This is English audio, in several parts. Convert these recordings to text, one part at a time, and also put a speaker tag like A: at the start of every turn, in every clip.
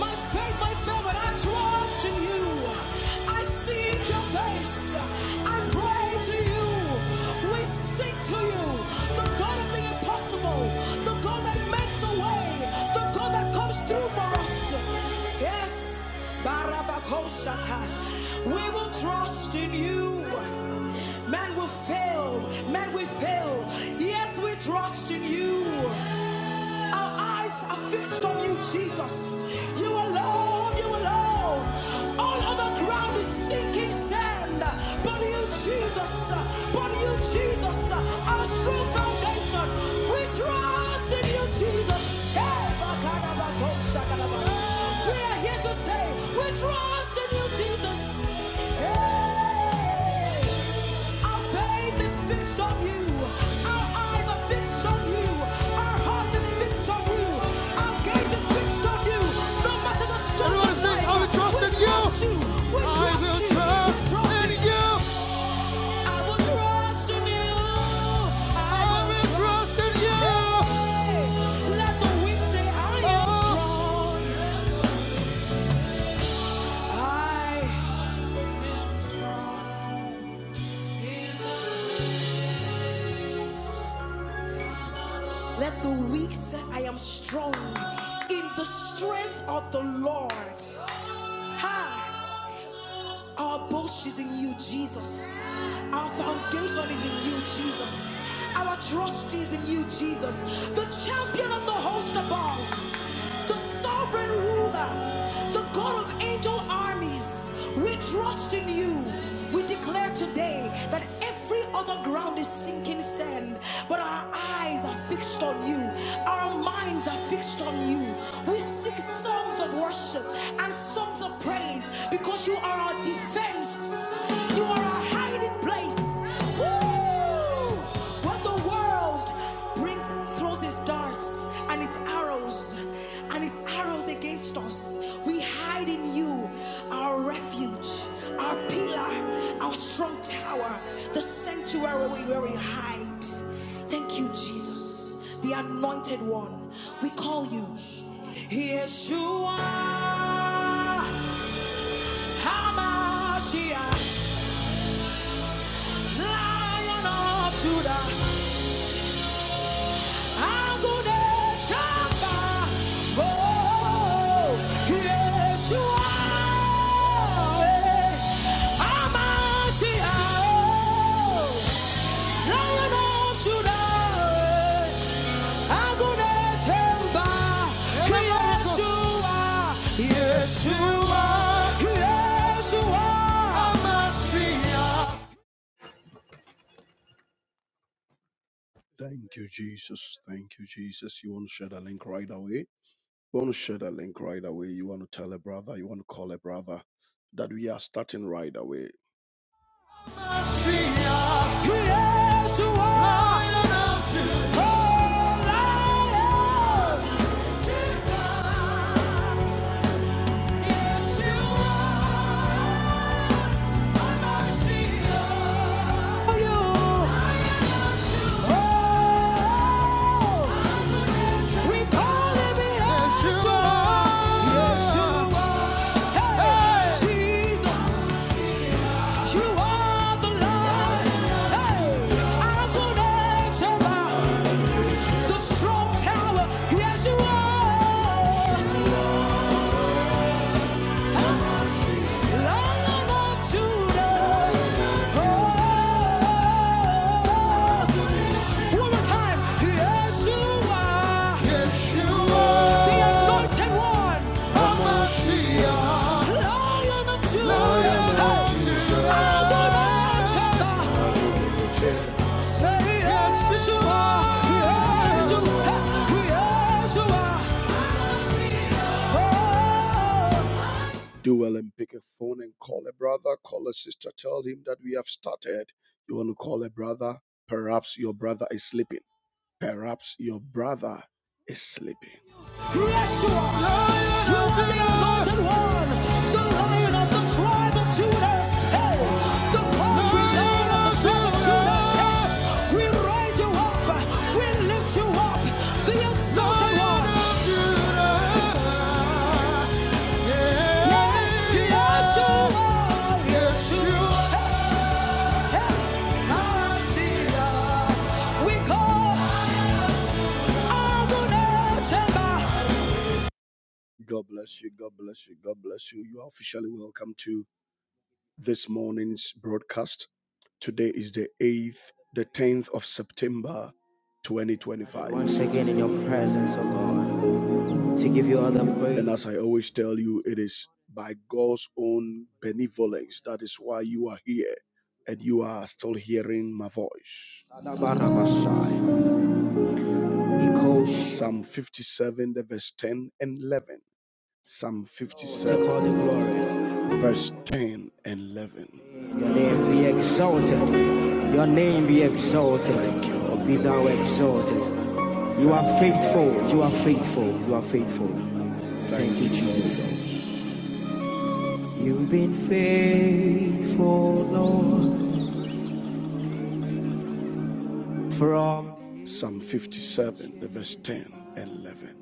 A: My faith may fail, but I trust in you. I seek your face. I pray to you. We sing to you, the God of the impossible, the God that makes a way, the God that comes through for us. Yes, Barabakoshata. We will trust in you. Man will fail, man will fail. Yes, we trust in you. Our eyes are fixed on you, Jesus. You alone, you alone. All other ground is sinking sand. But you, Jesus, but you, Jesus, our strong foundation. We trust in you, Jesus. Hey, We are here to say, we trust in you, Jesus. Hey. Our faith is fixed on you. Our eyes are fixed on you. Our heart is fixed on you. Our gaze you. No I will trust in you. I will trust in you. I will trust in you. I will trust in you. Hey, Let the weak say, I am Oh. strong. I let the weak say, I am strong in the strength of the Lord. Ha! Our boast is in you, Jesus. Our foundation is in you, Jesus. Our trust is in you, Jesus. The champion of the host above, the sovereign ruler, the God of angel armies. We trust trust in you. We declare today that every other ground is sinking sand, but our eyes are fixed on you, our minds are fixed on you. We seek songs of worship and songs of praise because you are our defense, you are our hiding place. Woo! When the world brings throws its darts and its arrows and its arrows against us. We hide in you, our refuge, our pillar, our strong tower, the sanctuary where we hide. Thank you, Jesus, the anointed one. We call you Yeshua. HaMashiach, Lion of Judah, Thank you, Jesus. Thank you, Jesus. You want to share the link right away? You want to share that link right away. You want to tell a brother, you want to call a brother that we are starting right away. Yes, you are. so Lion of Judah. Oh, Lion. Judah, Yes, you are my shield. You. Oh, we call him Yes, you Yeshua. are. Yes, you are. Hey, Hey. Jesus. You are the light. Hey, I'm gonna jump the strong tower. Yes, you are. Long enough to know. One more time. Yeshua, the anointed one. Lion of Judah. Adonai Shaddai. Say "Yes, Yeshua, Yes, Yeshua, Yes, Yeshua. Oh do well and pick a phone and call a brother, call a sister, tell him that we have started. You want to call a brother? Perhaps your brother is sleeping. Perhaps your brother is sleeping. Yeshua, the one, the lion of the tribe of Judah. Hey, the conquering lion of the tribe of Judah. Hey, we raise you up, we lift you up, the exalted one. God bless you. God bless you. God bless you. You are officially welcome to this morning's broadcast. Today is the 8th, the 10th of September, 2025. Once again in your presence, oh God. to give you all praise. And as I always tell you, it is by God's own benevolence. That is why you are here and you are still hearing my voice. Adabarabashai. Ikosh. Psalm 57, the verse 10 and 11. Psalm 57, verse 10 and 11. Your name be exalted. Your name be exalted. Thank you, Be thou exalted. You are faithful. You are faithful. You are faithful. Thank you, Jesus. You've been faithful, Lord, from Psalm 57, the verse 10 and 11.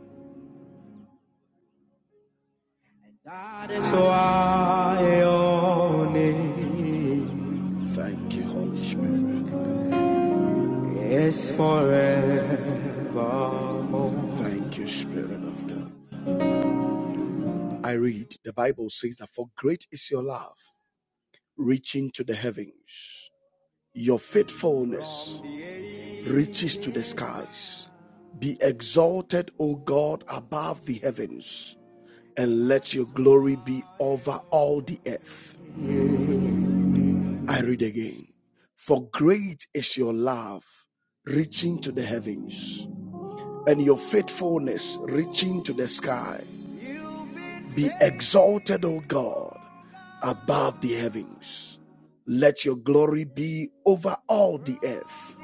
A: that is why your name Thank you, Holy Spirit. is forevermore. Thank you, Spirit of God. I read the Bible says that for great is your love, reaching to the heavens. Your faithfulness reaches to the skies. Be exalted, O God, above the heavens, and let your glory be over all the earth. I read again. For great is your love, reaching to the heavens, and your faithfulness reaching to the sky. Be exalted, O God, above the heavens. Let your glory be over all the earth.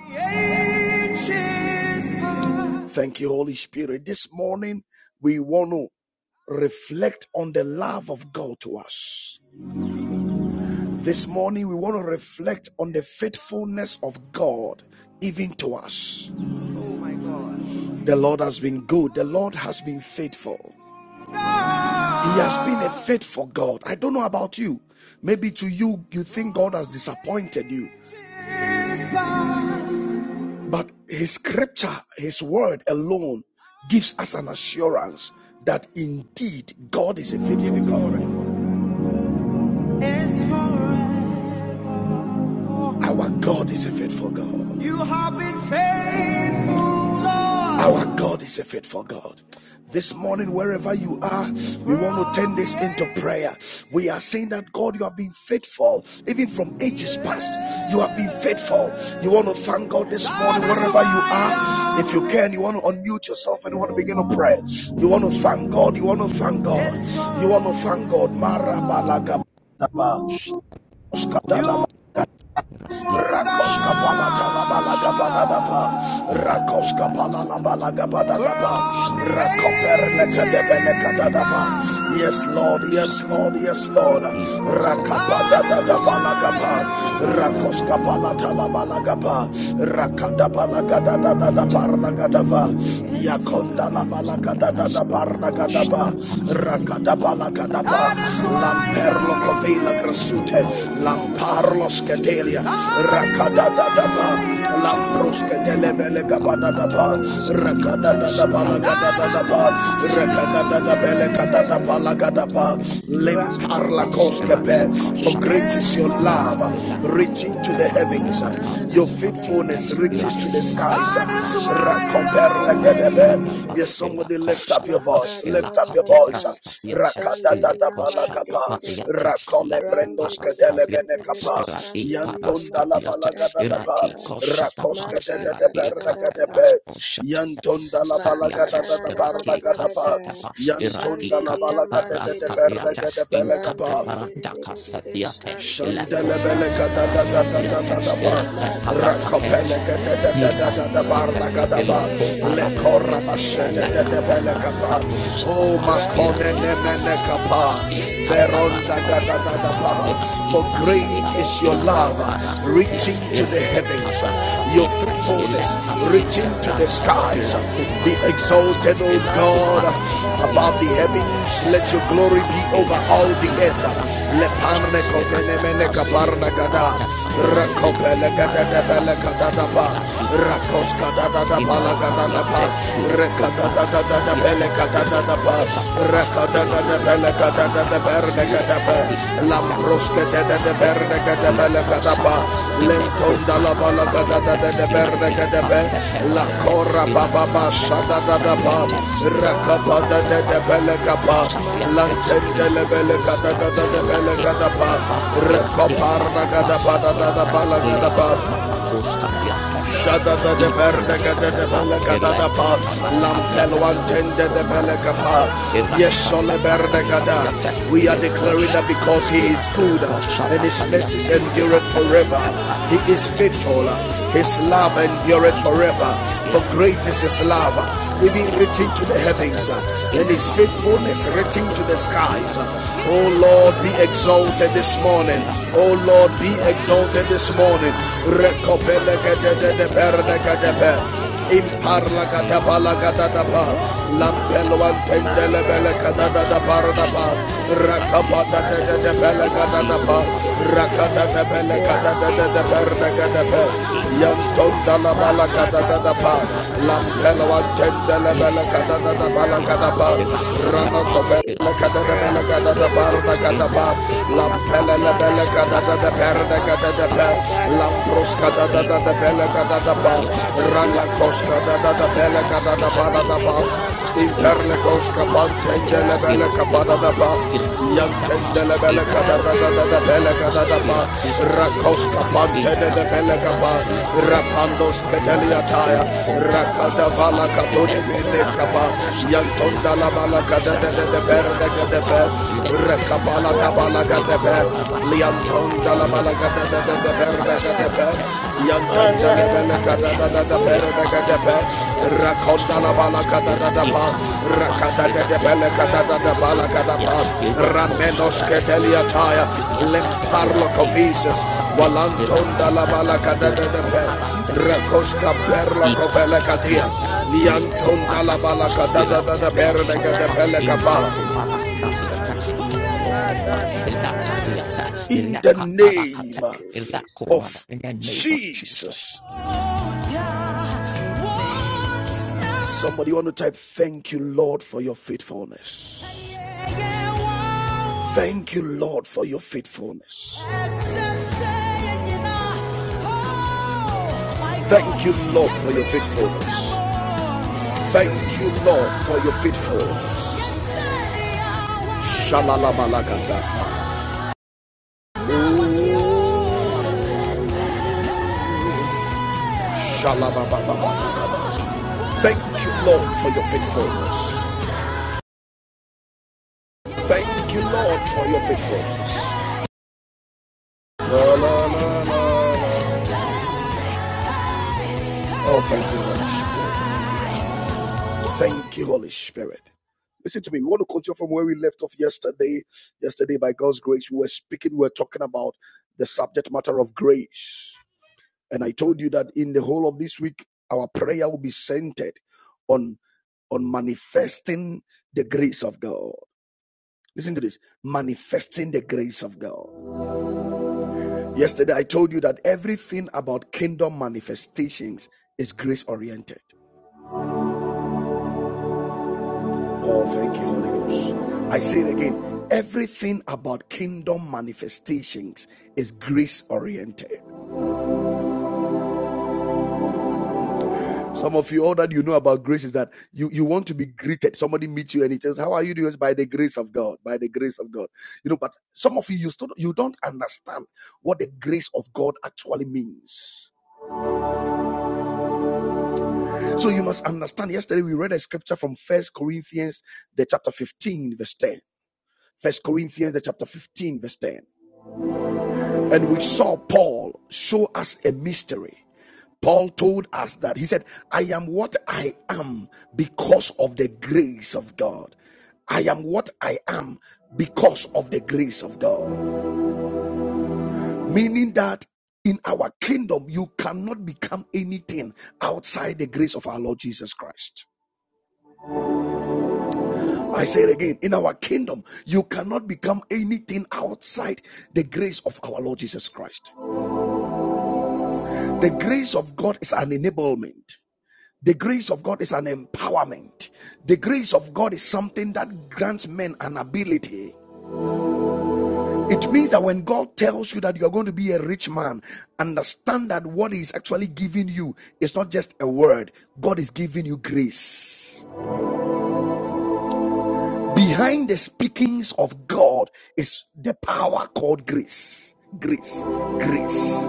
A: Thank you, Holy Spirit. This morning, we want to reflect on the love of God to us. This morning, we want to reflect on the faithfulness of God even to us. The Lord has been good, the Lord has been faithful. He has been a faithful God. I don't know about you. Maybe to you, you think God has disappointed you. But his scripture, his word alone gives us an assurance that indeed God is a faithful God. Our God is a faithful God. You have been faithful, Lord. Our God is a faithful God. This morning, wherever you are, we want to turn this into prayer. We are saying that God, you have been faithful, even from ages past. You have been faithful. You want to thank God this morning, wherever you are. If you can, you want to unmute yourself and you want to begin to pray. You want to thank God. You want to thank God. You want to thank God. Marabalagaba,
B: Shatakushati, Radi,
A: Rakoska
B: Shatabran,
A: balaga balaga
B: Yakushaba,
A: balaga Rakoska balaga
B: Ilakoparasati,
A: balaga balaga
B: Askatu Shatabran,
A: Rakoperne kadevene kadadaba Yes Lord Yes
B: Yakushaya,
A: Lord Yes Lord
B: Radi, Kasata
A: Rakabada da
B: Patitas,
A: balaga ba
B: Eko, Randa
A: Rakoska
B: Kushaba,
A: balata la balaga ba Rakada balaga da da da da
B: Aviata,
A: parna kadava
C: Ram
B: Inda,
A: Yakonda la da da
B: Sariatas, Yakushata, Pas, Ilikata,
A: Rakadabala
B: Randa,
A: Kadaba, Lamperlo Covila Grasute,
B: Ipatabranda
A: Lamparlo
B: Padiash,
A: Scadelia,
B: Leko Tabranda
A: Rakadadadaba,
B: Paraska Shataka,
A: Lamprusca
B: Irati
A: Telebele Gabadadaba,
B: Kataparas Katiatas,
A: Rakadadadabala
B: Rati
A: Gadadadaba,
B: Kastapas, Irati
A: Rakadadadabele
B: Katapas,
A: Gadadabala Gadaba,
B: Irati
C: de
A: Limparla
C: de de
B: Kastapas,
C: de de
B: Irati
A: Coscape, for
B: Koshaka
A: great
C: shandelia
A: is
C: ma
A: your
B: Paraska,
C: ga da
B: Pias,
A: love,
C: da da da
B: Ilaka
A: reaching
C: da
A: to the
C: ma
A: heavens,
C: da
B: Irapa
C: da da
A: your
C: da da da da
B: Raskatirata,
A: faithfulness reaches to to
B: Irati
A: the
C: shandelia
B: Pasat
A: skies.
B: Pash
C: ma
B: in Takata
C: Run Run da da
A: Rakomperlegedebe.
C: da
B: Parasatapa,
A: Yes, somebody
B: Ilako
A: lift up your
B: Shatapa,
C: da
A: voice.
C: da
A: Lift
C: da,
A: up your
B: Ilakati
C: da da da man da
A: voice.
C: Makadadadadadada.
A: la la
B: Raskatiata,
A: Rakoske daba.
C: Shandidia
B: Ilako
A: Rakadadadabalagapa.
B: Shatapariata, Lapu Paraskatiata,
A: Rakomebrendoskadelebenekapa.
B: Irati Paraskatiata,
A: Yantondalabalagadadaba.
B: Irati Koshatapa,
C: da da da
B: Irati
C: da da.
B: Katapas
A: Rakoskadadadebernegadebe.
B: Koshatapa. Raskaviata, Irati
A: Yantondalabalagadadadabarnagadaba.
B: Kasata
C: Magadadadadadadada,
B: Eradicate
C: Shandelia Mandedede,
B: parascatiate, incate
A: Yantondalabalagadadadebernegadebelegapa.
B: paranda
C: Ramdedede,
B: casatiate,
C: Shandelia
B: laco sate paraskatiate,
C: Magadadadadada,
A: Shandelebelekadadadadadadaba.
B: irate paracate,
C: Magadadadadadada,
B: Ipalasate,
A: Rakopelekadadadadadadabarnagadaba.
B: ilako
C: Magadadadadadada,
B: parasatiate, ilakate
C: Shandelia
A: Lekorabashedededebelekapa.
B: parastatus
C: Mandedede,
A: Oh,
B: atapas, iratikas
C: Ramdedede,
A: makonenemenekapa.
B: atapas,
C: Shandelia
B: intaparastaus atapas,
A: Berondagadadadaba. For
C: Magadadadadadada.
B: iratikas
C: We
A: great
B: atapas,
A: is
C: thank
A: your
C: you,
B: irate
A: love,
C: Lord. We
A: reaching
B: parastatias,
C: thank
A: to
C: you,
A: the
B: irate
C: Lord.
A: heavens, your
B: parastatiates,
C: Mandiriri
A: faithfulness,
C: shandiria
A: reaching
B: ilakasite
A: into the
C: rama
B: prantes,
C: ga
A: skies.
C: da da da
A: Be
C: da da da.
A: exalted,
B: ilakumarastatias,
A: O
C: Ma ga
A: God,
C: da da da da da
A: above
C: da
A: the
C: da
B: ilakuparastatias,
C: da.
A: heavens. Let your
B: Tekranta
A: glory be
B: pas ila
A: over all the
B: kasita
A: earth.
B: granta
C: Magarararararara
B: kosha
A: Leparne
B: ila
C: shandiriya
B: ta
A: kotenemene
C: mandiriri
A: kaparna
B: kasita
A: gada.
B: granta kapia la
A: Rakopele gada
B: comparas
C: ramdiriri
A: devele
B: kapia
A: gada
B: te
A: daba.
C: shandiriya
B: ila ti kasa
A: Rakos
B: te
C: magarararara
A: gada
B: pas
A: dada bala
B: inte
A: gada
B: kapia
A: daba.
B: te le
C: magarararararara
A: Rekada dada
B: comparas
A: dada
B: kapia te
A: bele gada
B: le
A: ba.
C: magarararararara
B: kosha te pas
A: Rekada
B: ila
A: gada
C: shandiriya
A: bele
B: kote
A: gada da da
B: granta
A: da
C: mandiriri
B: pas
A: berne
B: le
A: kadapa
B: kati granta
A: lambroske da
B: comparas
C: ramdiriri
A: da da
B: kapia te
A: berne
B: le
A: kadapa la
B: kosha
A: kadapa
B: pas ile
C: magarararararara
A: lenton da la
B: comparas
A: bala kada
B: kapia
A: da
B: te
A: da da
B: ila
A: berne
B: ti
A: kadapa
C: magarararararara
B: kasa te
A: la
B: granta
A: kora ba
B: ila
C: shandiriya
A: ba ba
B: skate
A: sha da da
C: mandiriri
B: kasa
A: da ba
B: ila te ila
A: rakapa da da
B: ti
A: da bele
C: ramdiriri
A: kapa
B: Shadiate
A: lanten le
B: in
A: la
C: Mandededededede
A: bele kada
B: Pacotepa,
A: da da da
C: shandelia
A: bele
B: Irati
A: kadapa
C: maka
B: Patepa,
C: da da da da da
B: Irati
A: rakopar
C: da da
A: da kadapa da da da
B: Paracasadiate,
C: maka
A: bala
C: da da
B: Lake
C: da da
A: kadapa
C: da da da da
B: Maracus Cadiate,
A: Shada
C: maka da
A: de
C: da da da
A: berne
C: da da
A: gada
C: da
A: de
B: Ikarasatata,
C: da da
A: bele
C: da
A: gada da
C: da
B: Eleto
A: pa.
C: maka da
A: Lampel
B: Paraskatiata,
C: da da da
A: one
C: da da da
A: tende
B: Leto
A: de
C: da
A: bele
C: da
B: Maraskatia,
A: kapa. Yes, sole
B: Eraskata
A: berne
C: shandelia
B: Paraskatiata,
A: We are
B: Leto
A: declaring that
B: Shata,
C: mandededededede
A: because He is
B: Irati
A: good and
B: Koshata
A: His mercies
B: Pariata,
C: ramdededededede
A: endureth
B: Irata
A: forever.
B: Kotara,
A: He is
C: mandededededede
A: faithful. His
C: shandelia
B: Ikata
A: love
B: Paranda
C: maka
A: endureth
C: da
B: Koshata,
C: da
A: forever.
C: da da
A: For
C: da
B: Irata
A: great is His
C: my
A: love,
C: God,
B: Paraskatiata,
C: da, da,
A: even
C: da, da, da,
A: reaching
B: Irati
C: da,
A: to the
C: da, da,
B: Kasata,
C: da,
A: heavens,
C: da, da. da.
A: and His
C: My
B: Intakoma.
A: faithfulness
C: God, da,
B: That's
C: da,
A: reaching
B: your
A: to
C: da, da,
A: the
B: text.
C: da, da, da,
A: skies.
B: That's
C: da, da,
B: what
C: da,
B: that
C: da.
A: Oh Lord, be
B: was,
C: Shandiria,
A: exalted
B: that's
A: this morning. Oh
B: Elaparanda,
A: Lord, be
C: Ram
B: Irati
A: exalted this morning.
B: Tosatapa,
A: Rekopele
B: Lacomaraska
A: de de
B: diatex,
A: perde
B: Irati
A: katepe
B: Cotebra
A: imparla
B: diatex,
A: katapala katatapa
B: Lecotebranda pas, Irate
A: lampelo
B: Parata,
A: antendele bele katada
B: Irati
A: da paradapa
B: Shalapas, Irati
A: rakapata de de
B: Caseta,
A: de bele
B: Irati
A: katatapa
B: Coparaca
A: rakata de
B: diatex,
A: bele
B: Leco
A: katada de de perde
B: Parasebiatex,
A: katepe
B: Irati
A: yantonda
B: Cosapas,
A: la bala
B: Irati
A: katada da
B: Maras,
A: pa lampelo
B: Combaraska
A: antendele bele katada da bala
B: Ikataparasatiata,
A: katapa rana
B: irasatapa,
A: kofe
B: iradi-
A: Kada bela
C: Ram de
A: kada da
C: de de de de
A: barda
C: de
A: kada ba
C: san
B: Impact
C: de de ya ma
A: lampela
C: ga da
A: bela
C: da da
A: kada
C: da da
A: da
C: da da
A: perda kada da,
C: ma ga da da da
A: lampros
C: da da
A: kada
C: da da
B: Irati
C: da
A: da
C: da
A: bela
B: katepana
A: kada da ba
C: ma ga
B: satyata
C: da da
B: la
A: rala
C: da da da da
A: koska kada
C: da
A: da,
C: da da
A: bela
B: paraskatiata
C: da
A: kada da
B: irati
C: san de
A: Perda
C: de ya
B: kasuta
C: ma de de
A: Imperle
C: de de
B: intapu
C: de
A: cosca
C: de
A: pante
B: marakatiata
A: de la
C: ram de
A: bella
C: de de de
B: irasata
A: capada
C: de
A: da
C: de de
A: pa
C: de
B: irasata
A: Yantendele bele kada
C: Ram
B: ireko
A: da
C: de
A: da
C: de
A: da
C: de
A: da
C: de de
A: bele
C: de
B: pratepa
C: de
A: kada
C: de
A: da pa
B: irati
A: rakoska
B: kasatapa
C: Shandiya ma
A: pante de de
C: da da
A: bele
C: da
B: intakatapa
C: da
A: pa.
C: da da da da
B: lepo
C: da
A: rapandos
B: marakatiata
C: Maka
A: petelia
C: ga da
A: taya
C: da
B: lepo
C: da da da da da da
A: rakada
C: da
B: teprantapa
A: vala
C: da da
A: katone
B: lepo
A: bele
C: ma
A: kapa
C: da da da
B: prantatosa
C: da
B: la
A: yantonda la bala da da da
B: paraskatia
A: de
C: da da
A: da
C: da da Shandiya
A: de
C: ma
A: de de
B: irastate
C: de
A: be
C: de de de de de
B: lekatipa
A: rakapala
C: Ram de
A: tabala
C: de
A: kada
C: de de
A: be
B: Irate
C: de de de
B: paraska diate,
A: liantonda
C: Shandiya
A: la
C: ma
A: bala kada
B: lekate
A: da
C: da
A: da
C: da
A: de
B: prante
C: da
A: da
C: da
A: de
C: da
B: pach,
A: de
C: da
A: de be
B: irate parakate,
C: Ah,
A: yantenda
C: ah,
A: la
C: ah,
A: bele
C: ah,
B: irakate
A: kada da
B: prante,
A: da da bere
C: Shandiya
A: de de
C: ma
A: de
C: de
B: irakadiate,
A: be
C: de de de de
B: irate
A: rakonda la
B: kosama
C: Ram
A: bala
C: de
B: pach,
A: kada
C: de de
B: irati
C: de
A: kadadadapa,
C: de de
B: kasata pach, irati kate
C: Ram de de
A: rakadadadapalakadadadapa,
C: de
B: parasu
C: de de
B: tentia,
C: de
A: lakadapa,
C: de de de.
B: ileko
A: ramenos
B: sata e,
C: Santeria
A: keteliataya,
C: ma da da da da da
A: lemparlo
B: irati
C: da da
A: kovises,
C: da da da.
B: parasatia,
C: Ma
A: walantonda
C: da
B: ilakaseta,
C: da da da da da
B: leko
A: labalakadadadape,
C: da da da da da.
B: parasetia,
A: rakoska
C: Ma
A: perlo
C: da da da da da da da.
A: kovelekatia,
B: Ipalakatiata.
C: Santeria
B: Leto
A: liantonda
C: ma de de
B: parasa
C: de de de de de.
B: ilata tosha da
C: Ram de de de de
A: labalakadadadaperdekadepelekapa.
C: de de de de de. Santeria
B: leto
C: ma
B: da
C: da da da da da da da
B: ilakatiata
C: da da.
A: In the
B: ilaka parakata
A: name
C: Thank you, Jesus.
A: of
B: in the name of Jesus
A: Jesus.
C: Amen.
A: Somebody want to type, Thank you, Lord, for your faithfulness. Thank you, Lord, for your faithfulness. Thank you, Lord, for your faithfulness. Thank you, Lord, for your faithfulness. Shalalabalagada. Shalabababababa. Thank you, Lord, for your faithfulness. Thank you, Lord, for your faithfulness. No, no, no, no. Oh, thank you, Holy Spirit. Thank you, Holy Spirit. Listen to me. We want to continue from where we left off yesterday. Yesterday, by God's grace, we were speaking, we were talking about the subject matter of grace. And I told you that in the whole of this week, our prayer will be centered on, on manifesting the grace of God. Listen to this manifesting the grace of God. Yesterday, I told you that everything about kingdom manifestations is grace oriented. Oh, thank you, Holy Ghost. I say it again. Everything about kingdom manifestations is grace oriented. Some of you, all that you know about grace is that you, you want to be greeted. Somebody meets you and he says, How are you doing? By the grace of God. By the grace of God. You know, but some of you, you still you don't understand what the grace of God actually means. So you must understand. Yesterday we read a scripture from First Corinthians, the chapter 15, verse 10. First Corinthians, the chapter 15, verse 10. And we saw Paul show us a mystery. Paul told us that he said, I am what I am because of the grace of God. I am what I am because of the grace of God. Meaning that in our kingdom, you cannot become anything outside the grace of our Lord Jesus Christ. I say it again in our kingdom, you cannot become anything outside the grace of our Lord Jesus Christ. The grace of God is an enablement. The grace of God is an empowerment. The grace of God is something that grants men an ability. It means that when God tells you that you're going to be a rich man, understand that what He's actually giving you is not just a word, God is giving you grace. Behind the speakings of God is the power called grace. Grace. Grace.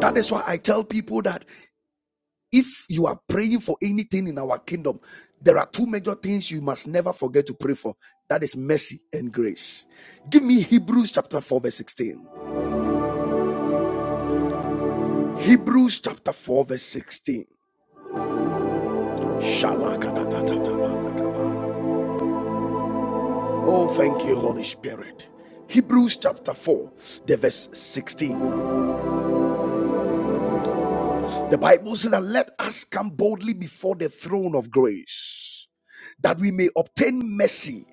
A: That is why I tell people that If you are praying for anything in our kingdom, there are two major things you must never forget to pray for that is mercy and grace. Give me Hebrews chapter 4, verse 16. Hebrews chapter 4, verse 16. Shalakadadadadabalakaba. Oh, thank you, Holy Spirit. Hebrews chapter 4, the verse 16. The Bible says that let us come boldly before the throne of grace that we may obtain mercy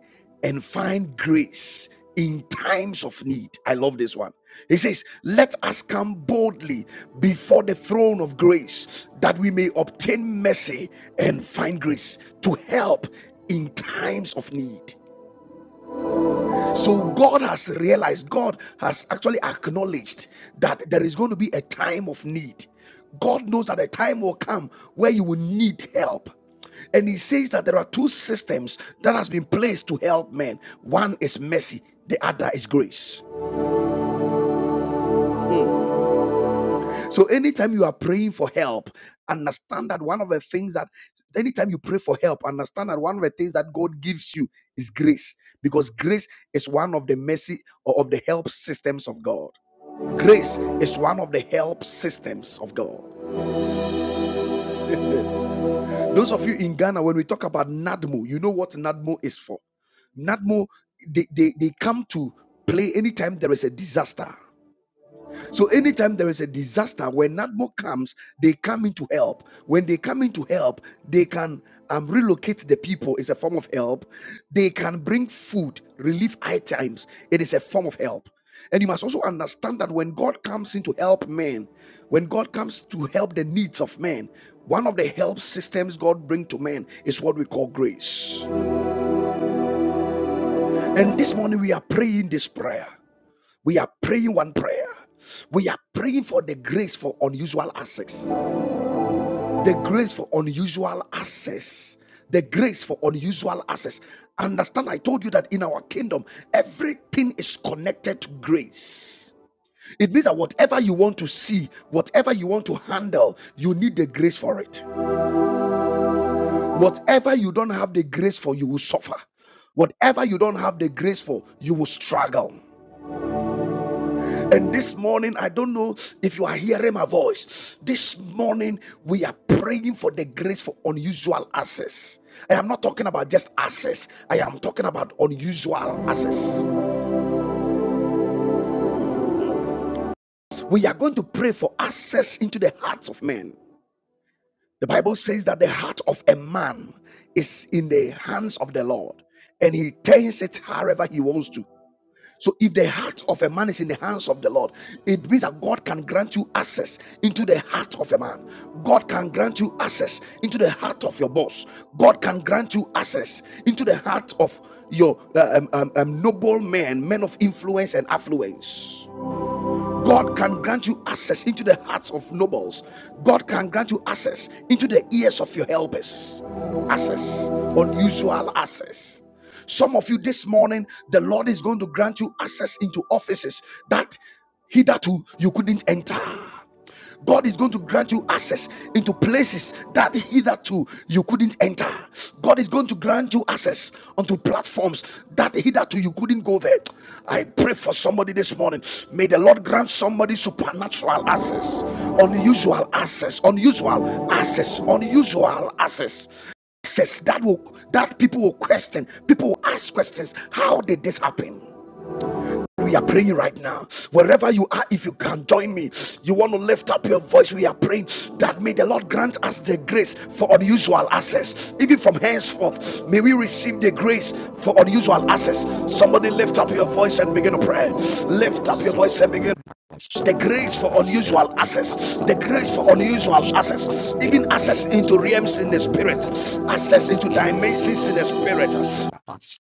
A: and find grace in times of need. I love this one. He says, Let us come boldly before the throne of grace that we may obtain mercy and find grace to help in times of need. So God has realized, God has actually acknowledged that there is going to be a time of need. God knows that a time will come where you will need help. And he says that there are two systems that has been placed to help men. One is mercy, the other is grace. So anytime you are praying for help, understand that one of the things that anytime you pray for help, understand that one of the things that God gives you is grace because grace is one of the mercy or of the help systems of God. Grace is one of the help systems of God. Those of you in Ghana, when we talk about NADMO, you know what NADMO is for. NADMO, they, they, they come to play anytime there is a disaster. So anytime there is a disaster, when NADMO comes, they come in to help. When they come in to help, they can um, relocate the people. It's a form of help. They can bring food, relief items. It is a form of help. And you must also understand that when God comes in to help men, when God comes to help the needs of men, one of the help systems God brings to men is what we call grace. And this morning we are praying this prayer. We are praying one prayer. We are praying for the grace for unusual access. The grace for unusual access. The grace for unusual access. Understand, I told you that in our kingdom, everything is connected to grace. It means that whatever you want to see, whatever you want to handle, you need the grace for it. Whatever you don't have the grace for, you will suffer. Whatever you don't have the grace for, you will struggle. And this morning, I don't know if you are hearing my voice. This morning, we are praying for the grace for unusual access. I am not talking about just access, I am talking about unusual access. We are going to pray for access into the hearts of men. The Bible says that the heart of a man is in the hands of the Lord and he turns it however he wants to. So if the heart of a man is in the hands of the Lord, it means that God can grant you access into the heart of a man. God can grant you access into the heart of your boss. God can grant you access into the heart of your uh, um, um, um, noble men, men of influence and affluence. God can grant you access into the hearts of nobles. God can grant you access into the ears of your helpers. Access, unusual access. Some of you this morning, the Lord is going to grant you access into offices that hitherto you couldn't enter. God is going to grant you access into places that hitherto you couldn't enter. God is going to grant you access onto platforms that hitherto you couldn't go there. I pray for somebody this morning. May the Lord grant somebody supernatural access, unusual access, unusual access, unusual access. Access that will that people will question, people will ask questions. How did this happen? We are praying right now. Wherever you are, if you can join me, you want to lift up your voice. We are praying that may the Lord grant us the grace for unusual access. Even from henceforth, may we receive the grace for unusual access. Somebody lift up your voice and begin to pray. Lift up your voice
B: Sita
A: and begin. The grace for
B: Shataparanda,
A: unusual
B: Ratita
A: access, the grace for
B: Sakaranska,
A: unusual access, even access
B: Iraqita
A: into realms in the
B: Sakaparanda,
A: spirit, access
B: Kasapas,
A: into
B: Ira
A: dimensions in
B: Satapas.
A: the spirit,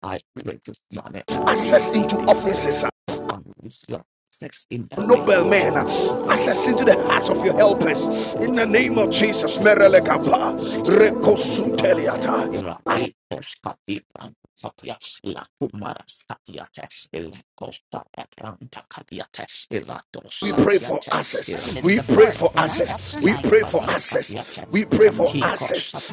B: I pray this morning and I
A: access
B: receive
A: into
B: the
A: offices,
B: grace for unusual sex in the name
A: noble
B: of
A: men
B: Jesus. Grace
A: access
B: for
A: into the heart of
B: unusual
A: your
B: assets.
A: helpers in the
B: Grace for
A: name of Jesus.
B: unusual assets.
A: Merelekapa,
B: Grace for unusual assets.
A: rekosuteliata. As
B: Iraqita Sakaparanda, Satia, la Kumara Satiate, Eleco Satabranta Cadiate, Irato
A: We pray for
B: Satiate,
A: access.
B: Irati
A: We pray for
B: Patebranta,
A: access. We pray for
B: Irapara
A: access.
B: Satiate,
A: We pray for
B: Iratico
A: access.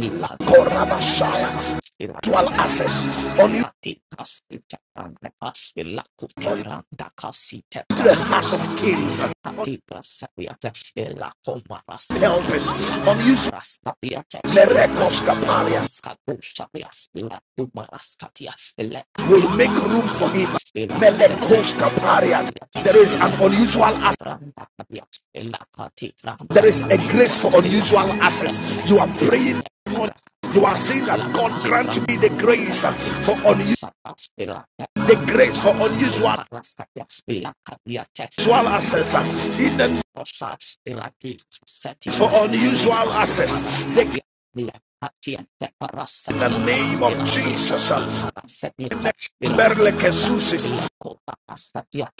B: Ikatavrantakosa,
A: Rakorabashaya. Dual access
B: iratavrantakas,
A: on you
B: iratikas, itavrantakas, ilakutavrantakasi,
A: to the heart of
B: tavraskosa,
A: kings, on
B: ilekativasaviata, ilakomaraskadia,
A: helpers, on you
B: lakuparaskadiata,
A: miracles caparias
B: ilaskatavranskadusadia, ilakumaraskadia,
A: will make room for
B: ilekativaskadiata,
A: him. Melekos caparias.
B: ilasetavrantakadiata,
A: There is an unusual access
B: ilakatitavrantakadiata,
A: There is a grace
B: ilakativrantakadiata,
A: for unusual access. You are
B: ilakativra-
A: praying. You are
B: Yata
A: saying that
B: la
A: God
B: kache
A: grant me the
B: pranda kasa
A: grace uh,
B: ile
A: for unusual,
B: kosa aspira tera
A: the grace for
B: parasko
A: unusual,
B: paraska ya ila kadia testi
A: unusual access. uh,
B: aparaska
A: In the
B: ti
A: grace
B: kosa irati setia
A: for
B: testi
A: unusual access,
B: akumaraska
A: the,
B: ya ila katia te parasa
A: in the
B: tiata
A: name of
B: irate
A: Jesus, uh,
B: kati parasa tiata irate
A: Berle
B: kata
A: Kesusis,
B: ile kota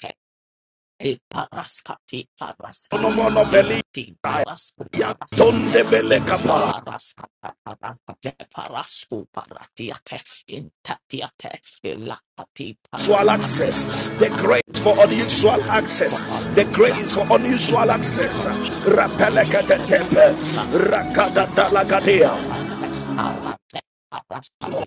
B: E paraskati paraskate
A: Onomono Veli,
B: irati parasku maraskate
A: Yantondebele
B: inta
A: Kapa,
B: paraskata paraskate parasku paratiate intatiate ilakati
A: unusual
B: paraskatiate.
A: access, the
B: I
A: grace
B: pray
A: for
B: for the
A: unusual
B: grace for
A: access, the
B: unusual
A: grace for
B: access in
A: unusual
B: the name
A: access.
B: of Jesus. In the push,
A: Rapelekatetepe,
B: rampage, iraskate,
A: rakadadalagadea.
B: rampage, parate, Parascate,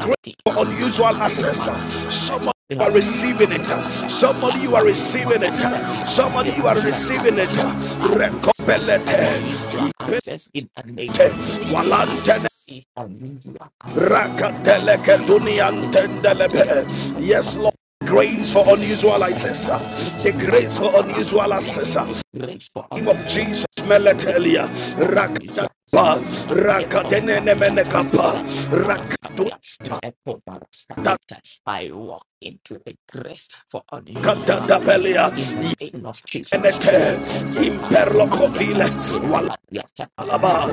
A: Grace for
B: kasi
A: unusual access.
B: kumara
A: Someone you are
B: irate
A: receiving it.
B: magrapas
A: Somebody you are
B: lakati
A: receiving it.
B: marasatia
A: Somebody you are
B: irasata
A: receiving it.
B: prosa I receive
A: Rekopelete,
B: unusual
A: ipete,
B: access in the name of Jesus I
A: walante
B: receive unusual access in the name of Jesus
A: Rakateleketuniantendelebe.
B: irata
A: Yes, Lord, grace for unusual access.
B: Branda
A: uh, The
B: Patias, La
A: grace for unusual
B: Caparastatia,
A: access. uh,
B: the grace for
A: Name of
B: unusual
A: Jesus,
B: access, the
A: Meletelia.
B: grace for unusual
A: Rakadapa,
B: access, La Teposhatiata,
A: Rakatenenemenekapa,
B: La Parastatia, La Poparastatia.
A: Rakatutakatandabelia,
B: I walk into the grace for unusual access in the name of Jesus. La
A: Yenete,
B: Tepoparastatia,
A: Imperlocovile,
B: La Patiata
A: Walalaba,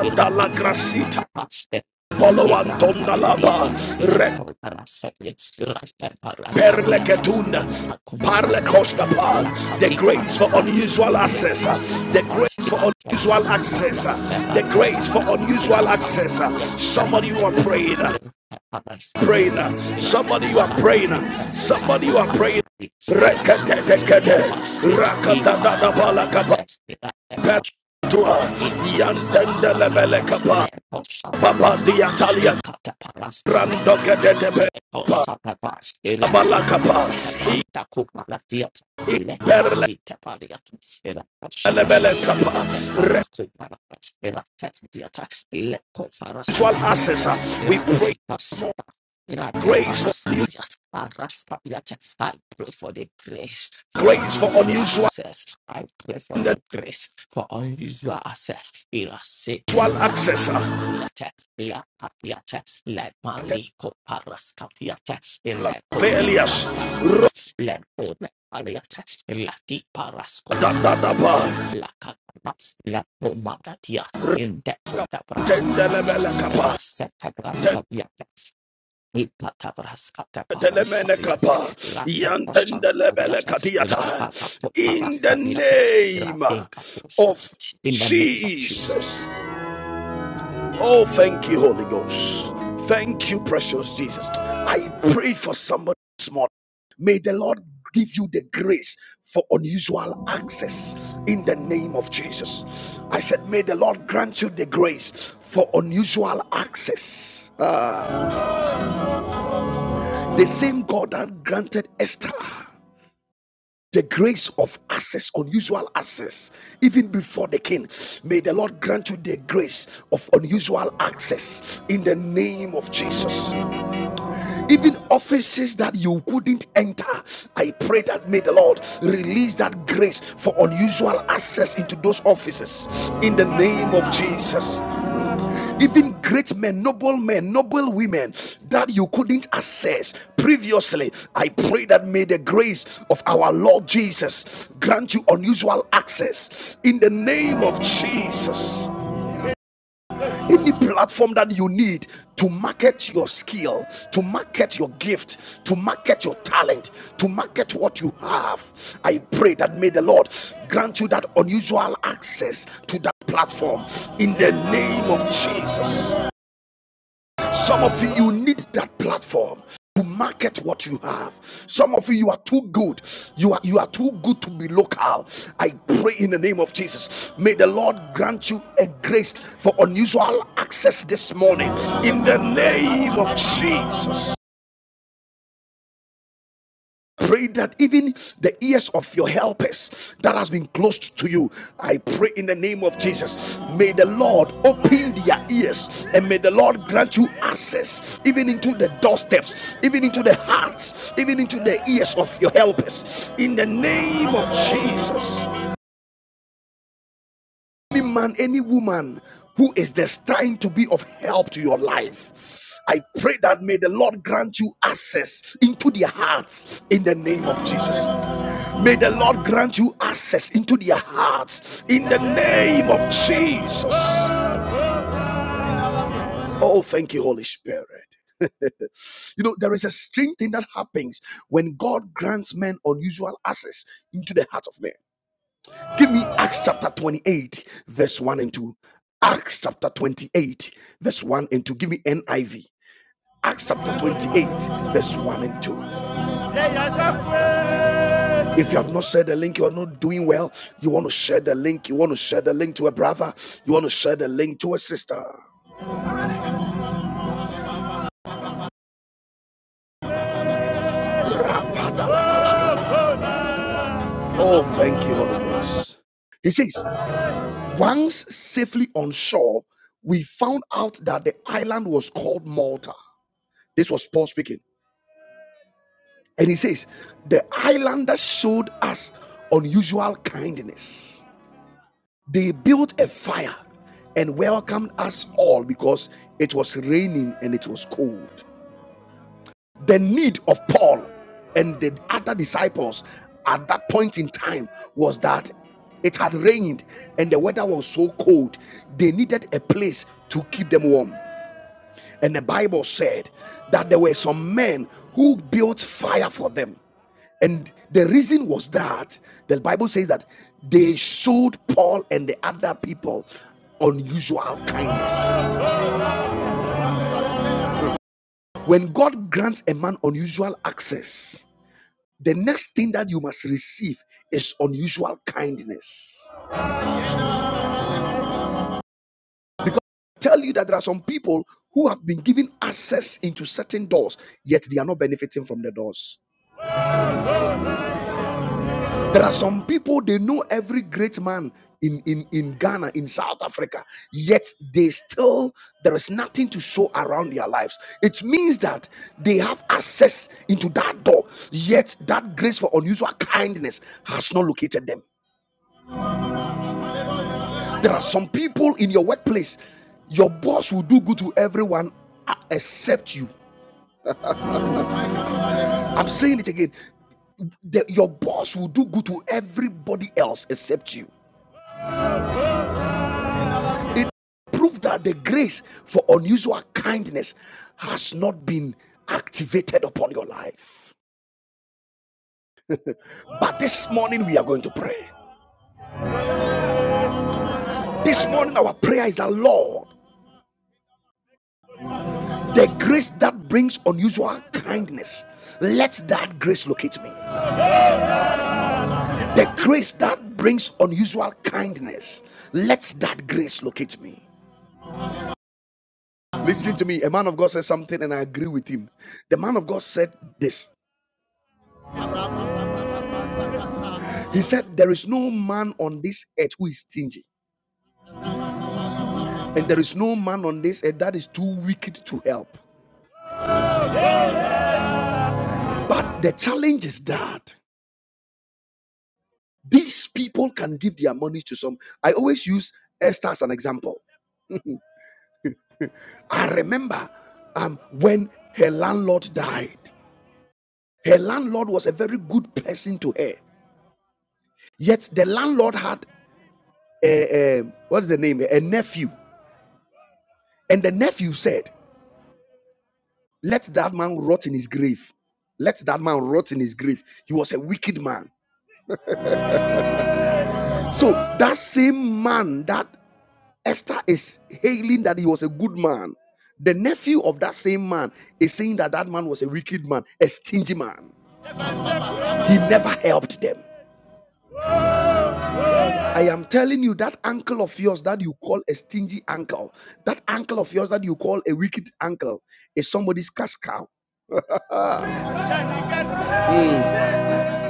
B: La Teposhatiata,
A: Polo
B: Ibranta Kadiata,
A: Antondalaba, Red.
B: Lector Parasetis, Lacta Parascatiata,
A: Perleketunda.
B: Intacumbarastatia,
A: Parlekoskapa. The
B: Lacati
A: grace for
B: Parastatia.
A: unusual access.
B: Electa
A: uh, The
B: Sepata,
A: grace for
B: Electa
A: unusual
B: Parasetia,
A: access. uh, The
B: Erate
A: grace for
B: Pata,
A: unusual
B: Electa
A: access. uh.
B: Parasetia,
A: Somebody you
B: Erate
A: are
B: Pata,
A: praying. uh,
B: Electa Parasetia,
A: Praying. uh,
B: Electa
A: Somebody
B: Parasetia, Electa
A: you are praying. uh,
B: Parasetia,
A: Somebody you are praying.
B: Electa Parasetia,
A: Reketetekete.
B: Electa Parasetia,
A: Rakatadadabalakaba.
B: Electa Parasetia,
A: Pertua.
B: Intacumbarastatia,
A: Yantendelebelekapa.
B: Lector Sapa,
A: Babadiatalia.
B: Ikataparastadya.
A: Randokedetebe.
B: Ekosatapas.
A: Abalakapa.
B: Iratikasetapranta kumaratiat. Lekasitepariatus.
A: Unusual
B: Irakasatapas.
A: kapa.
B: Irateparakumaratas. Iratetiata. Lekoparaskatiate.
A: access. uh, We pray for more
B: Iratikasatakaparatas. Irate
A: grace for new
B: parastatia, parastatia. I pray for the grace for
A: grace for
B: unusual
A: unusual
B: access. I pray for
A: and
B: the grace for unusual access. Irasete
A: unusual access. uh,
B: parascopaliate, lapatiate, lemalico parascatiate, ilecote
A: Failures.
B: frantacalia, lepone paliate, lati
A: Rodadadaba.
B: parascopalacalia, lacatas, lepomadatia,
A: Raska-
B: indeco de brantacalia,
A: Tendelebele kapa.
B: rasete
A: Tendelemene kapa. Yantendelebele katiata. In the name of
B: in the name of
A: Jesus.
B: Jesus.
A: Oh, thank you, Holy Ghost. Thank you, precious Jesus. I pray for somebody this morning. May the Lord give you the grace for unusual access in the name of Jesus. I said, May the Lord grant you the grace for unusual access. Ah, the same God that granted Esther the grace of access, unusual access, even before the king. May the Lord grant you the grace of unusual access in the name of Jesus. even offices that you couldn't enter i pray that may the lord release that grace for unusual access into those offices in the name of jesus even great men noble men noble women that you couldn't access previously i pray that may the grace of our lord jesus grant you unusual access in the name of jesus any platform that you need to market your skill, to market your gift, to market your talent, to market what you have. I pray that may the Lord grant you that unusual access to that platform in the name of Jesus. Some of you, you need that platform to market what you have. Some of you, you are too good. You are you are too good to be local. I pray in the name of Jesus. May the Lord grant you a grace for unusual access this morning. In the name of Jesus. Pray that even the ears of your helpers that has been closed to you, I pray in the name of Jesus. May the Lord open their ears and may the Lord grant you access even into the doorsteps, even into the hearts, even into the ears of your helpers. In the name of Jesus. Any man, any woman who is destined to be of help to your life, I pray that may the Lord grant you access into their hearts in the name of Jesus. May the Lord grant you access into their hearts in the name of Jesus. Oh, thank you, Holy Spirit. you know, there is a strange thing that happens when God grants men unusual access into the heart of men. Give me Acts chapter 28, verse 1 and 2. Acts chapter 28, verse 1 and 2. Give me NIV. Acts chapter 28, verse 1 and 2. If you have not shared the link, you are not doing well. You want to share the link. You want to share the link to a brother. You want to share the link to a sister. Oh, thank you, Holy Ghost. He says, once safely on shore, we found out that the island was called Malta. This was Paul speaking. And he says, the islanders showed us unusual kindness. They built a fire and welcomed us all because it was raining and it was cold. The need of Paul and the other disciples at that point in time was that it had rained and the weather was so cold, they needed a place to keep them warm. And the Bible said that there were some men who built fire for them. And the reason was that the Bible says that they showed Paul and the other people unusual kindness. When God grants a man unusual access, The next thing that you must receive is unusual kindness. Because I tell you that there are some people who have been given access into certain doors, yet they are not benefiting from the doors. There are some people they know every great man in, in, in Ghana, in South Africa, yet they still there is nothing to show around their lives. It means that they have access into that door, yet that grace for unusual kindness has not located them. There are some people in your workplace, your boss will do good to everyone uh, except you. I'm saying it again. The- your boss will do good to everybody else except you. It proved that the grace for unusual kindness has not been activated upon your life. But this morning we are going to pray. This morning our prayer is that Lord, the grace that brings unusual kindness, let that grace locate me. The grace that brings unusual kindness, let that grace locate me. Listen to me. A man of God said something, and I agree with him. The man of God said this He said, There is no man on this earth who is stingy, and there is no man on this earth that is too wicked to help. But the challenge is that these people can give their money to some. I always use Esther as an example. I remember um, when her landlord died, her landlord was a very good person to her. Yet the landlord had a, a- what is the name? A nephew, and the nephew said, "Let that man rot in his grave. Let that man rot in his grave. He was a wicked man." So that same man that Esther is hailing that he was a good man, the nephew of that same man is saying that that man was a wicked man, a stingy man. He never helped them. I am telling you that uncle of yours that you call a stingy uncle, that uncle of yours that you call a wicked uncle, is somebody's cash cow.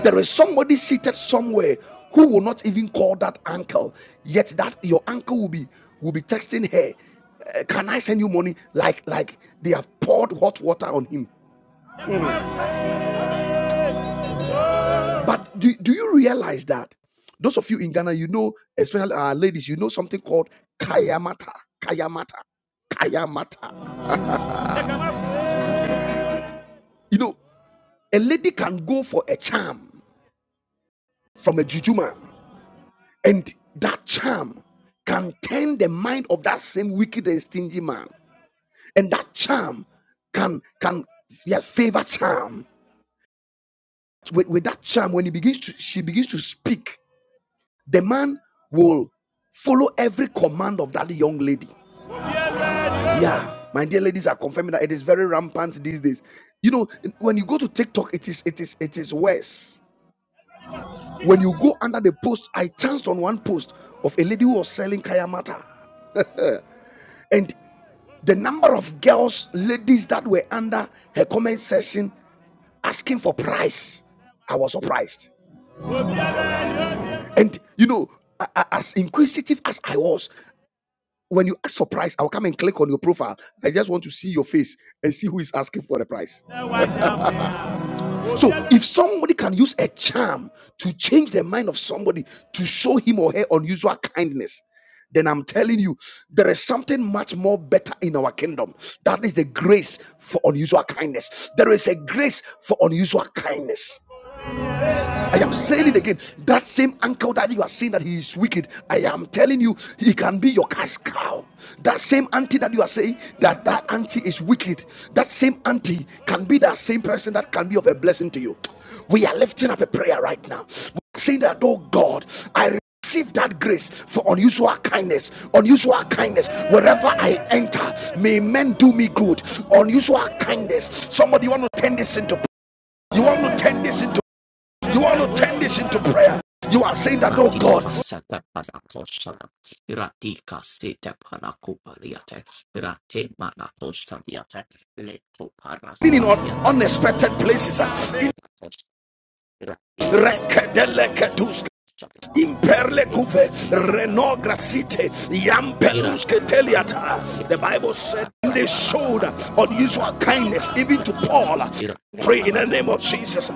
A: There is somebody seated somewhere who will not even call that uncle, yet that your uncle will be will be texting her. "Uh, Can I send you money? Like like they have poured hot water on him. But do, do you realize that those of you in Ghana, you know, especially our ladies, you know something called kayamata, kayamata, kayamata. You know, A lady can go for a charm from a juju man, and that charm can turn the mind of that same wicked and stingy man. And that charm can can yes, favor charm. With, with that charm, when he begins to she begins to speak, the man will follow every command of that young lady. Yeah, my dear ladies are confirming that it is very rampant these days. You know, when you go to TikTok, it is it is it is worse When you go under the post, I chanced on one post of a lady who was selling kaya mata, And the number of girls, ladies that were under her comment section asking for price, I was surprised. And you know, as inquisitive as I was, when you ask for price, I'll come and click on your profile. I just want to see your face and see who is asking for the price. So if somebody can use a charm to change the mind of somebody to show him or her unusual kindness, then I'm telling you, there is something much more better in our kingdom. That is the grace for unusual kindness. There is a grace for unusual kindness. I am saying it again. That same uncle that you are saying that he is wicked, I am telling you, he can be your cash cow. That same auntie that you are saying that that auntie is wicked, that same auntie can be that same person that can be of a blessing to you. We are lifting up a prayer right now. We're saying that, oh God, I receive that grace for unusual kindness unusual kindness wherever i enter may men do me good unusual kindness somebody you want to turn this into you want to turn this into you want to turn this into prayer. You are saying that, oh God,
B: Ratika sete panakoshana, ratika sete panakupariate, rate manakoshadiate, leto
A: even in
B: paraskatiate,
A: unexpected
B: inta
A: places, uh, in
B: branda kosh, ratika sete branda koshadiate, ratika sete branda kadiate,
A: the Bible said they showed unusual kindness even to Paul. Pray in the name of
B: Ira
A: Jesus.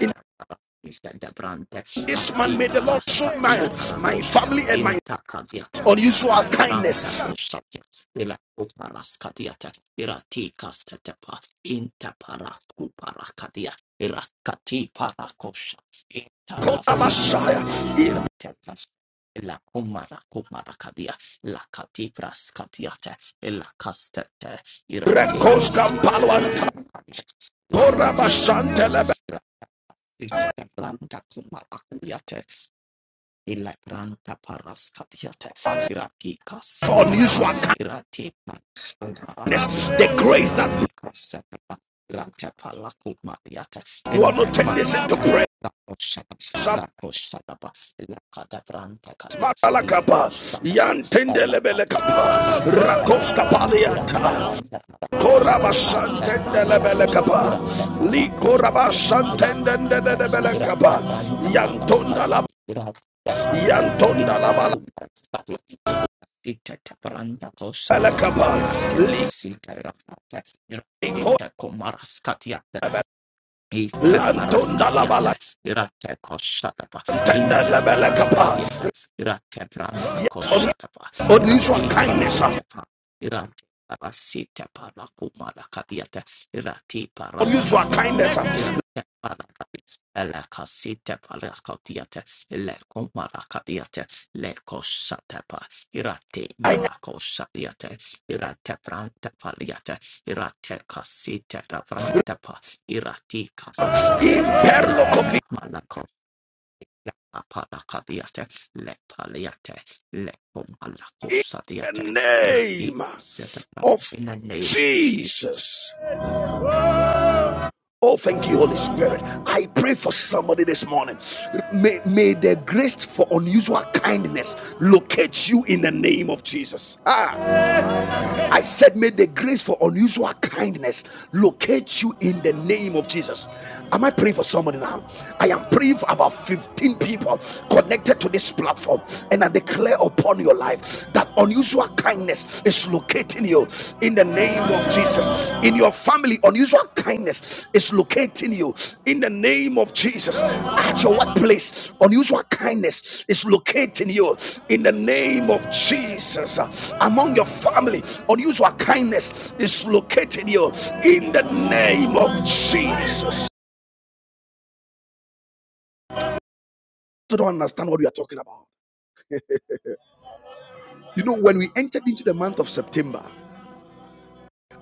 A: In
B: Ishadabrante
A: this man,
B: Ati
A: may the Lord show my,
B: Paraskati
A: my family
B: Parakoshas
A: and my
B: Intakaviate
A: unusual
B: Ale Branta
A: kindness.
B: Koshatas Ila Uparaskatiata Irati Kastatepa Intaparaku Parakadia Iraskati Parakoshas Intakasitetepa
A: in
B: Iratepas La kumara kumara kadia, la kati praskatiate, la kastete, irate
A: Rekos
B: kasite
A: Kampalo
B: branu, let Shapapa, Itadablanda kumabakuliate, Ilabranta paraskatiate, irati
A: For
B: kasetepa,
A: unusual
B: irati
A: kindness, the
B: parakatiate,
A: grace that
B: irati
A: brings,
B: kasetepa, irate lakumatiate,
A: you want to turn this into
B: intekmatiate,
A: prayer.
B: lakoshata,
A: Sam-
B: lakoshatapa, lakadebranta kadia,
A: Smatalakapa,
B: lekoshatapa, lakadia,
A: Yantendelebelekapa,
B: lakadebranta. Irate
A: Rakoskapaliata,
B: branda kosha, ate branda kosha,
A: Korabasantendelebelekapa,
B: irate para kosha dia, irate irate
A: Likorabasantendendelebelekapa,
B: branda
A: Yantondalaba,
B: para Yapranta in
A: Yantondalabalabelekapa,
B: Takumba Satya Sita Taparanda Kosatya Irate Kasita Rafata
A: Liko,
B: Irate Komaraskatia Ite
A: Lantondalabalantendelebelekapa.
B: paraskadiates, irate koshatapa, inte paraskadiates, irate vranta
A: Yes, un-
B: koshatapa,
A: unusual
B: irate
A: kindness. ah.
B: kasetepa, irate parasite parakumala kadiate, irate
A: Lord, use your
B: paraskadiate,
A: kindness.
B: irate parakadis, ele kasite paraskadiate, ele kumala kadiate, le koshatepa, irate
A: I
B: malakoshadiate, irate vranta paliate, irate kasite ravranta irati
A: am in
B: kaskatapa
A: peril
B: irate
A: of
B: malako Palakadiate, Letaliate,
A: the
B: Lepomalakusadiate, Irati
A: name
B: Sedapa,
A: of
B: in the name of Jesus.
A: Jesus. Oh, thank you, Holy Spirit. I pray for somebody this morning. May, may the grace for unusual kindness locate you in the name of Jesus. Ah. I said, may the grace for unusual kindness locate you in the name of Jesus. Am I praying for somebody now? I am praying for about 15 people connected to this platform, and I declare upon your life that unusual kindness is locating you in the name of Jesus. In your family, unusual kindness is locating you in the name of Jesus. At your workplace, unusual kindness is locating you in the name of Jesus. Among your family, unusual kindness is locating you in the name of Jesus. You don't understand what we are talking about. You know, when we entered into the month of September,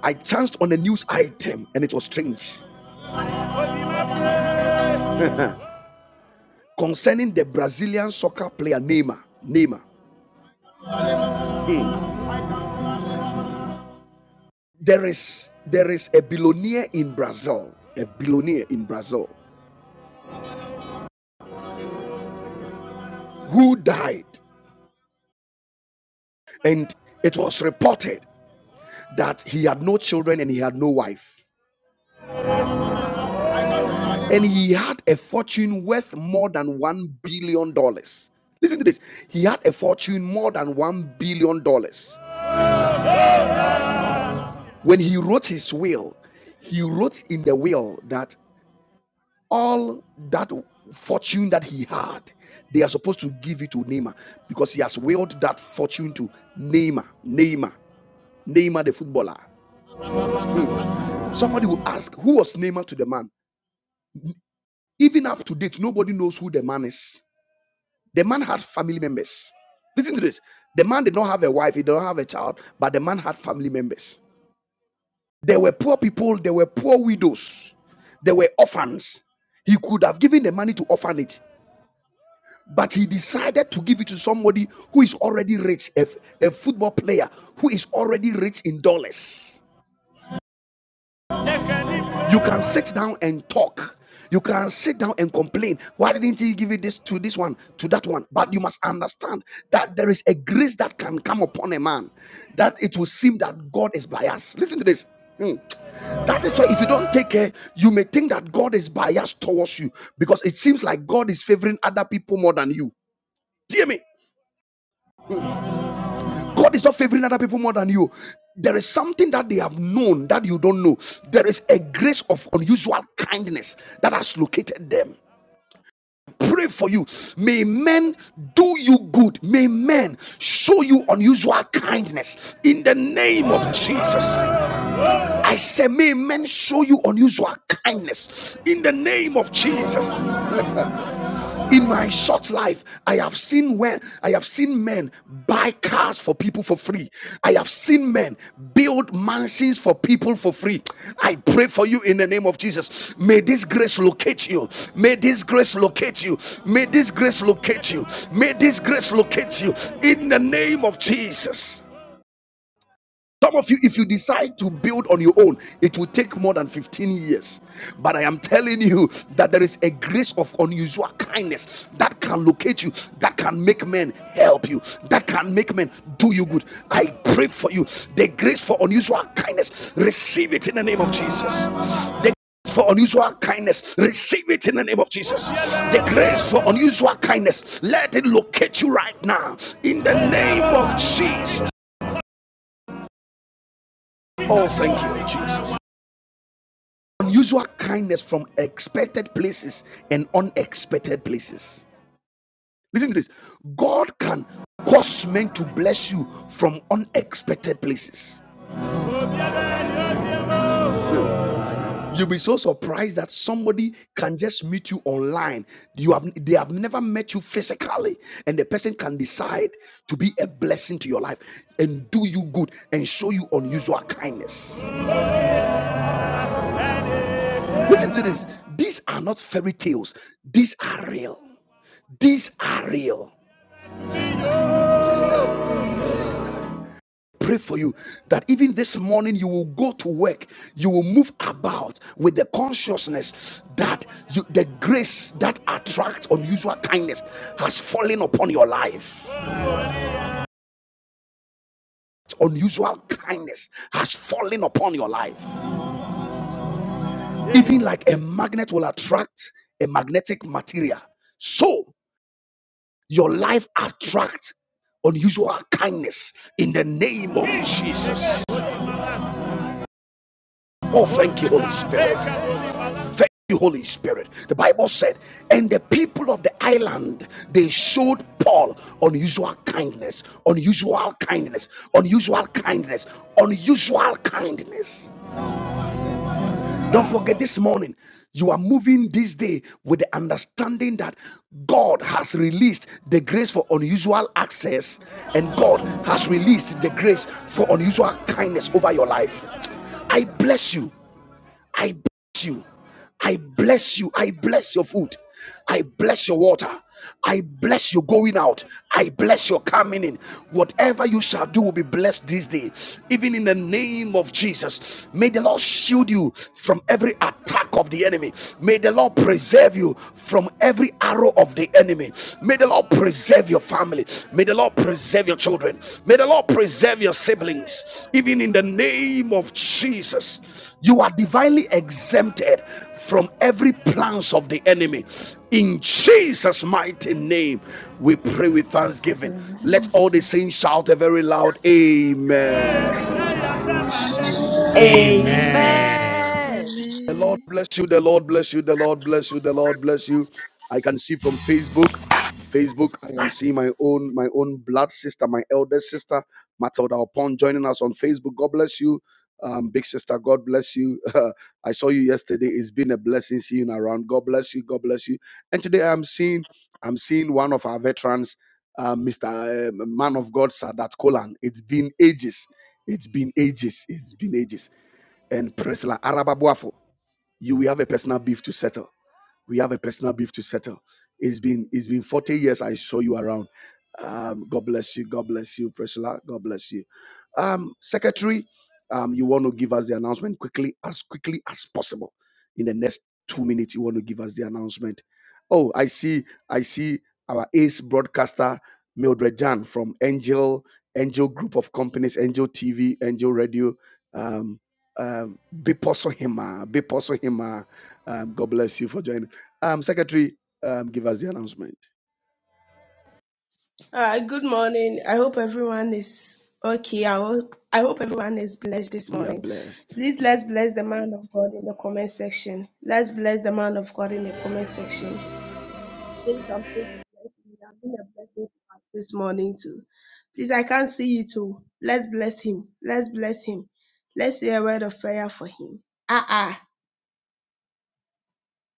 A: I chanced on a news item and it was strange concerning the Brazilian soccer player Neymar. Neymar. Hmm. There is there is a billionaire in Brazil, a billionaire in Brazil who died, and it was reported that he had no children and he had no wife. And he had a fortune worth more than one billion dollars. Listen to this. He had a fortune more than one billion dollars. When he wrote his will, he wrote in the will that all that fortune that he had, they are supposed to give it to Neymar because he has willed that fortune to Neymar, Neymar, Neymar the footballer. Hmm. Somebody will ask, who was Neymar to the man? Even up to date, nobody knows who the man is. The man had family members. Listen to this. The man did not have a wife, he did not have a child, but the man had family members. There were poor people, there were poor widows, there were orphans. He could have given the money to orphanage But he decided to give it to somebody who is already rich, a, a football player who is already rich in dollars. You can sit down and talk. You can sit down and complain. Why didn't he give it this to this one, to that one? But you must understand that there is a grace that can come upon a man that it will seem that God is biased. Listen to this. Hmm. That is why if you don't take care, you may think that God is biased towards you because it seems like God is favoring other people more than you. Do you hear me? God is not favoring other people more than you. There is something that they have known that you don't know. There is a grace of unusual kindness that has located them. Pray for you. May men do you good. May men show you unusual kindness in the name of Jesus. I say, may men show you unusual kindness in the name of Jesus in my short life i have seen where i have seen men buy cars for people for free i have seen men build mansions for people for free i pray for you in the name of jesus may this grace locate you may this grace locate you may this grace locate you may this grace locate you in the name of jesus some of you, if you decide to build on your own, it will take more than 15 years. But I am telling you that there is a grace of unusual kindness that can locate you, that can make men help you, that can make men do you good. I pray for you. The grace for unusual kindness, receive it in the name of Jesus. The for unusual kindness, receive it in the name of Jesus. The grace for unusual kindness, let it locate you right now in the name of Jesus. Oh, thank you, Jesus. unusual kindness from expected places and unexpected places. Listen to this God can cause men to bless you from unexpected places. You'll be so surprised that somebody can just meet you online. You have they have never met you physically, and the person can decide to be a blessing to your life and do you good and show you unusual kindness. Listen to this. These are not fairy tales, these are real. These are real. pray for you that even this morning you will go to work you will move about with the consciousness that you, the grace that attracts unusual kindness has fallen upon your life unusual kindness has fallen upon your life even like a magnet will attract a magnetic material so your life attracts unusual kindness in the name of jesus oh thank you holy spirit Thank you, Holy Spirit. The Bible said, and the people of the island they showed Paul unusual kindness, unusual kindness, unusual kindness, unusual kindness. Don't forget this morning, you are moving this day with the understanding that God has released the grace for unusual access, and God has released the grace for unusual kindness over your life. I bless you. I bless you. I bless you. I bless your food. I bless your water. I bless your going out. I bless your coming in. Whatever you shall do will be blessed this day. Even in the name of Jesus, may the Lord shield you from every attack of the enemy. May the Lord preserve you from every arrow of the enemy. May May the Lord preserve your family. May the Lord preserve your children. May the Lord preserve your siblings. Even in the name of Jesus, you are divinely exempted from every plans of the enemy. In Jesus' mighty name, we pray with thanksgiving.
D: Hello.
A: Let all the saints shout a very loud Amen.
E: Amen.
F: Amen.
B: Amen.
G: Amen.
A: The Lord
C: Amen.
A: bless you. The Lord bless you. The Lord bless you. The Lord bless you. I can see from Facebook. Facebook, I am seeing my own my own blood sister, my elder sister, Matilda Upon, joining us on Facebook. God bless you. Um, big sister, God bless you. I saw you yesterday. It's been a blessing seeing you around. God bless you. God bless you. And today I'm seeing I'm seeing one of our veterans, uh, Mr. uh, Man of God, Sadat Kolan. It's been ages. It's been ages. It's been ages. And Priscilla Arababuafo you will have a personal beef to settle. We have a personal beef to settle. It's been it's been 40 years I saw you around. Um, God bless you. God bless you, Priscilla. God bless you. Um, Secretary, um, you want to give us the announcement quickly, as quickly as possible. In the next two minutes, you want to give us the announcement. Oh, I see, I see our ace broadcaster, Mildred Jan from Angel, Angel Group of Companies, Angel TV, Angel Radio, um, um, Biposo Hima, Biposo Hima. Um, God bless you for joining. Um, Secretary, um, give us the announcement.
H: All right, good morning. I hope everyone is okay. I hope, I hope everyone is blessed this
A: We are
H: morning.
A: blessed.
H: Please let's bless the man of God in the comment section. Let's bless the man of God in the comment section. Say something to bless him. It has been a blessing to us this morning too. Please, I can't see you too. Let's bless him. Let's bless him. Let's say a word of prayer for him. Ah ah.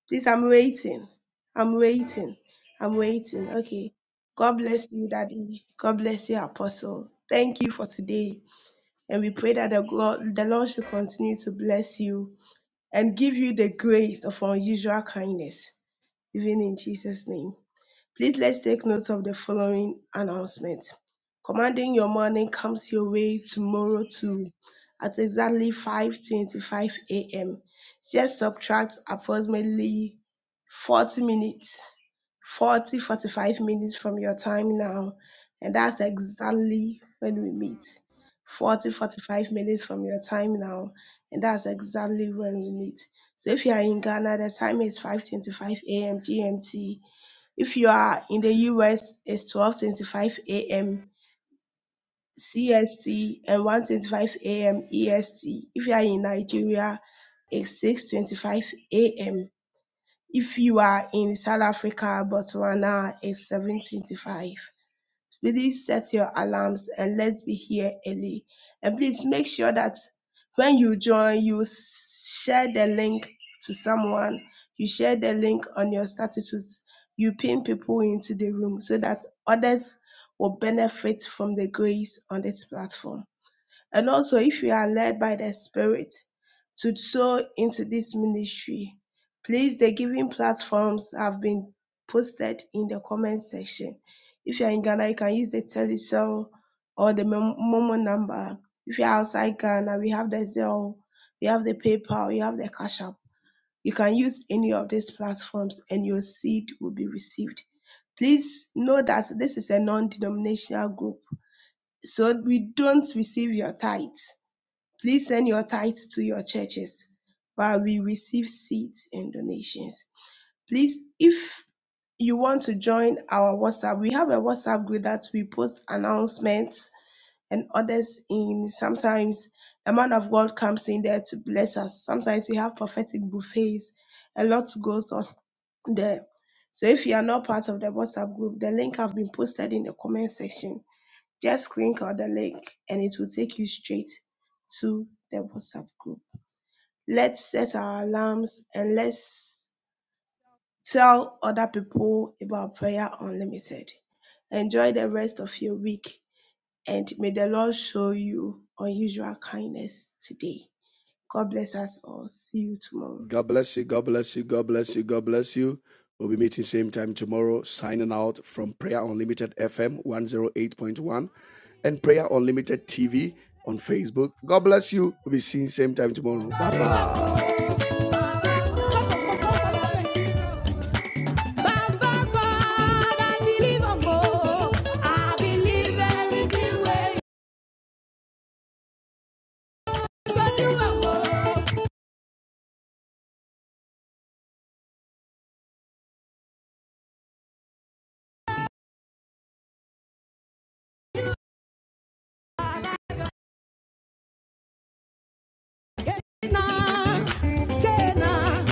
H: Please, I'm waiting. I'm waiting. I'm waiting. Okay. God bless you, Daddy. God bless you, Apostle. Thank you for today. And we pray that the, God, the Lord should continue to bless you and give you the grace of unusual kindness, even in Jesus' name. Please let's take note of the following announcement. Commanding your morning comes your way tomorrow too at exactly 5:25 a.m. Just subtract approximately 40 minutes, 40 45 minutes from your time now, and that's exactly when we meet. 40 45 minutes from your time now, and that's exactly when we meet. So if you are in Ghana, the time is 5:25 a.m. GMT if you are in the US, it's 12:25 a.m. CST and 1:25 a.m. EST. If you are in Nigeria, it's 6:25 a.m. If you are in South Africa, Botswana, it's 7:25 really set your alarms and let's be here early. And please make sure that when you join, you s- share the link to someone, you share the link on your statuses, you pin people into the room so that others will benefit from the grace on this platform. And also, if you are led by the Spirit to sow into this ministry, please, the giving platforms have been posted in the comment section. If you are in Ghana, you can use the Telecel or the Mem- Momo number. If you are outside Ghana, we have the Zelle, we have the PayPal, we have the Cash App. You can use any of these platforms and your seed will be received. Please know that this is a non denominational group, so we don't receive your tithes Please send your tithes to your churches while we receive seeds and donations. Please, if you want to join our WhatsApp, we have a WhatsApp group that we post announcements and others in. Sometimes the man of God comes in there to bless us. Sometimes we have prophetic buffets. A lot goes on there. So if you are not part of the WhatsApp group, the link have been posted in the comment section. Just click on the link and it will take you straight to the WhatsApp group. Let's set our alarms and let's tell other people about Prayer Unlimited. Enjoy the rest of your week and may the Lord show you unusual kindness today. God bless us all. See you tomorrow.
A: God bless you. God bless you. God bless you. God bless you. We'll be meeting same time tomorrow. Signing out from Prayer Unlimited FM 108.1 and Prayer Unlimited TV on Facebook. God bless you. We'll be seeing same time tomorrow. Bye bye. Tena, tena.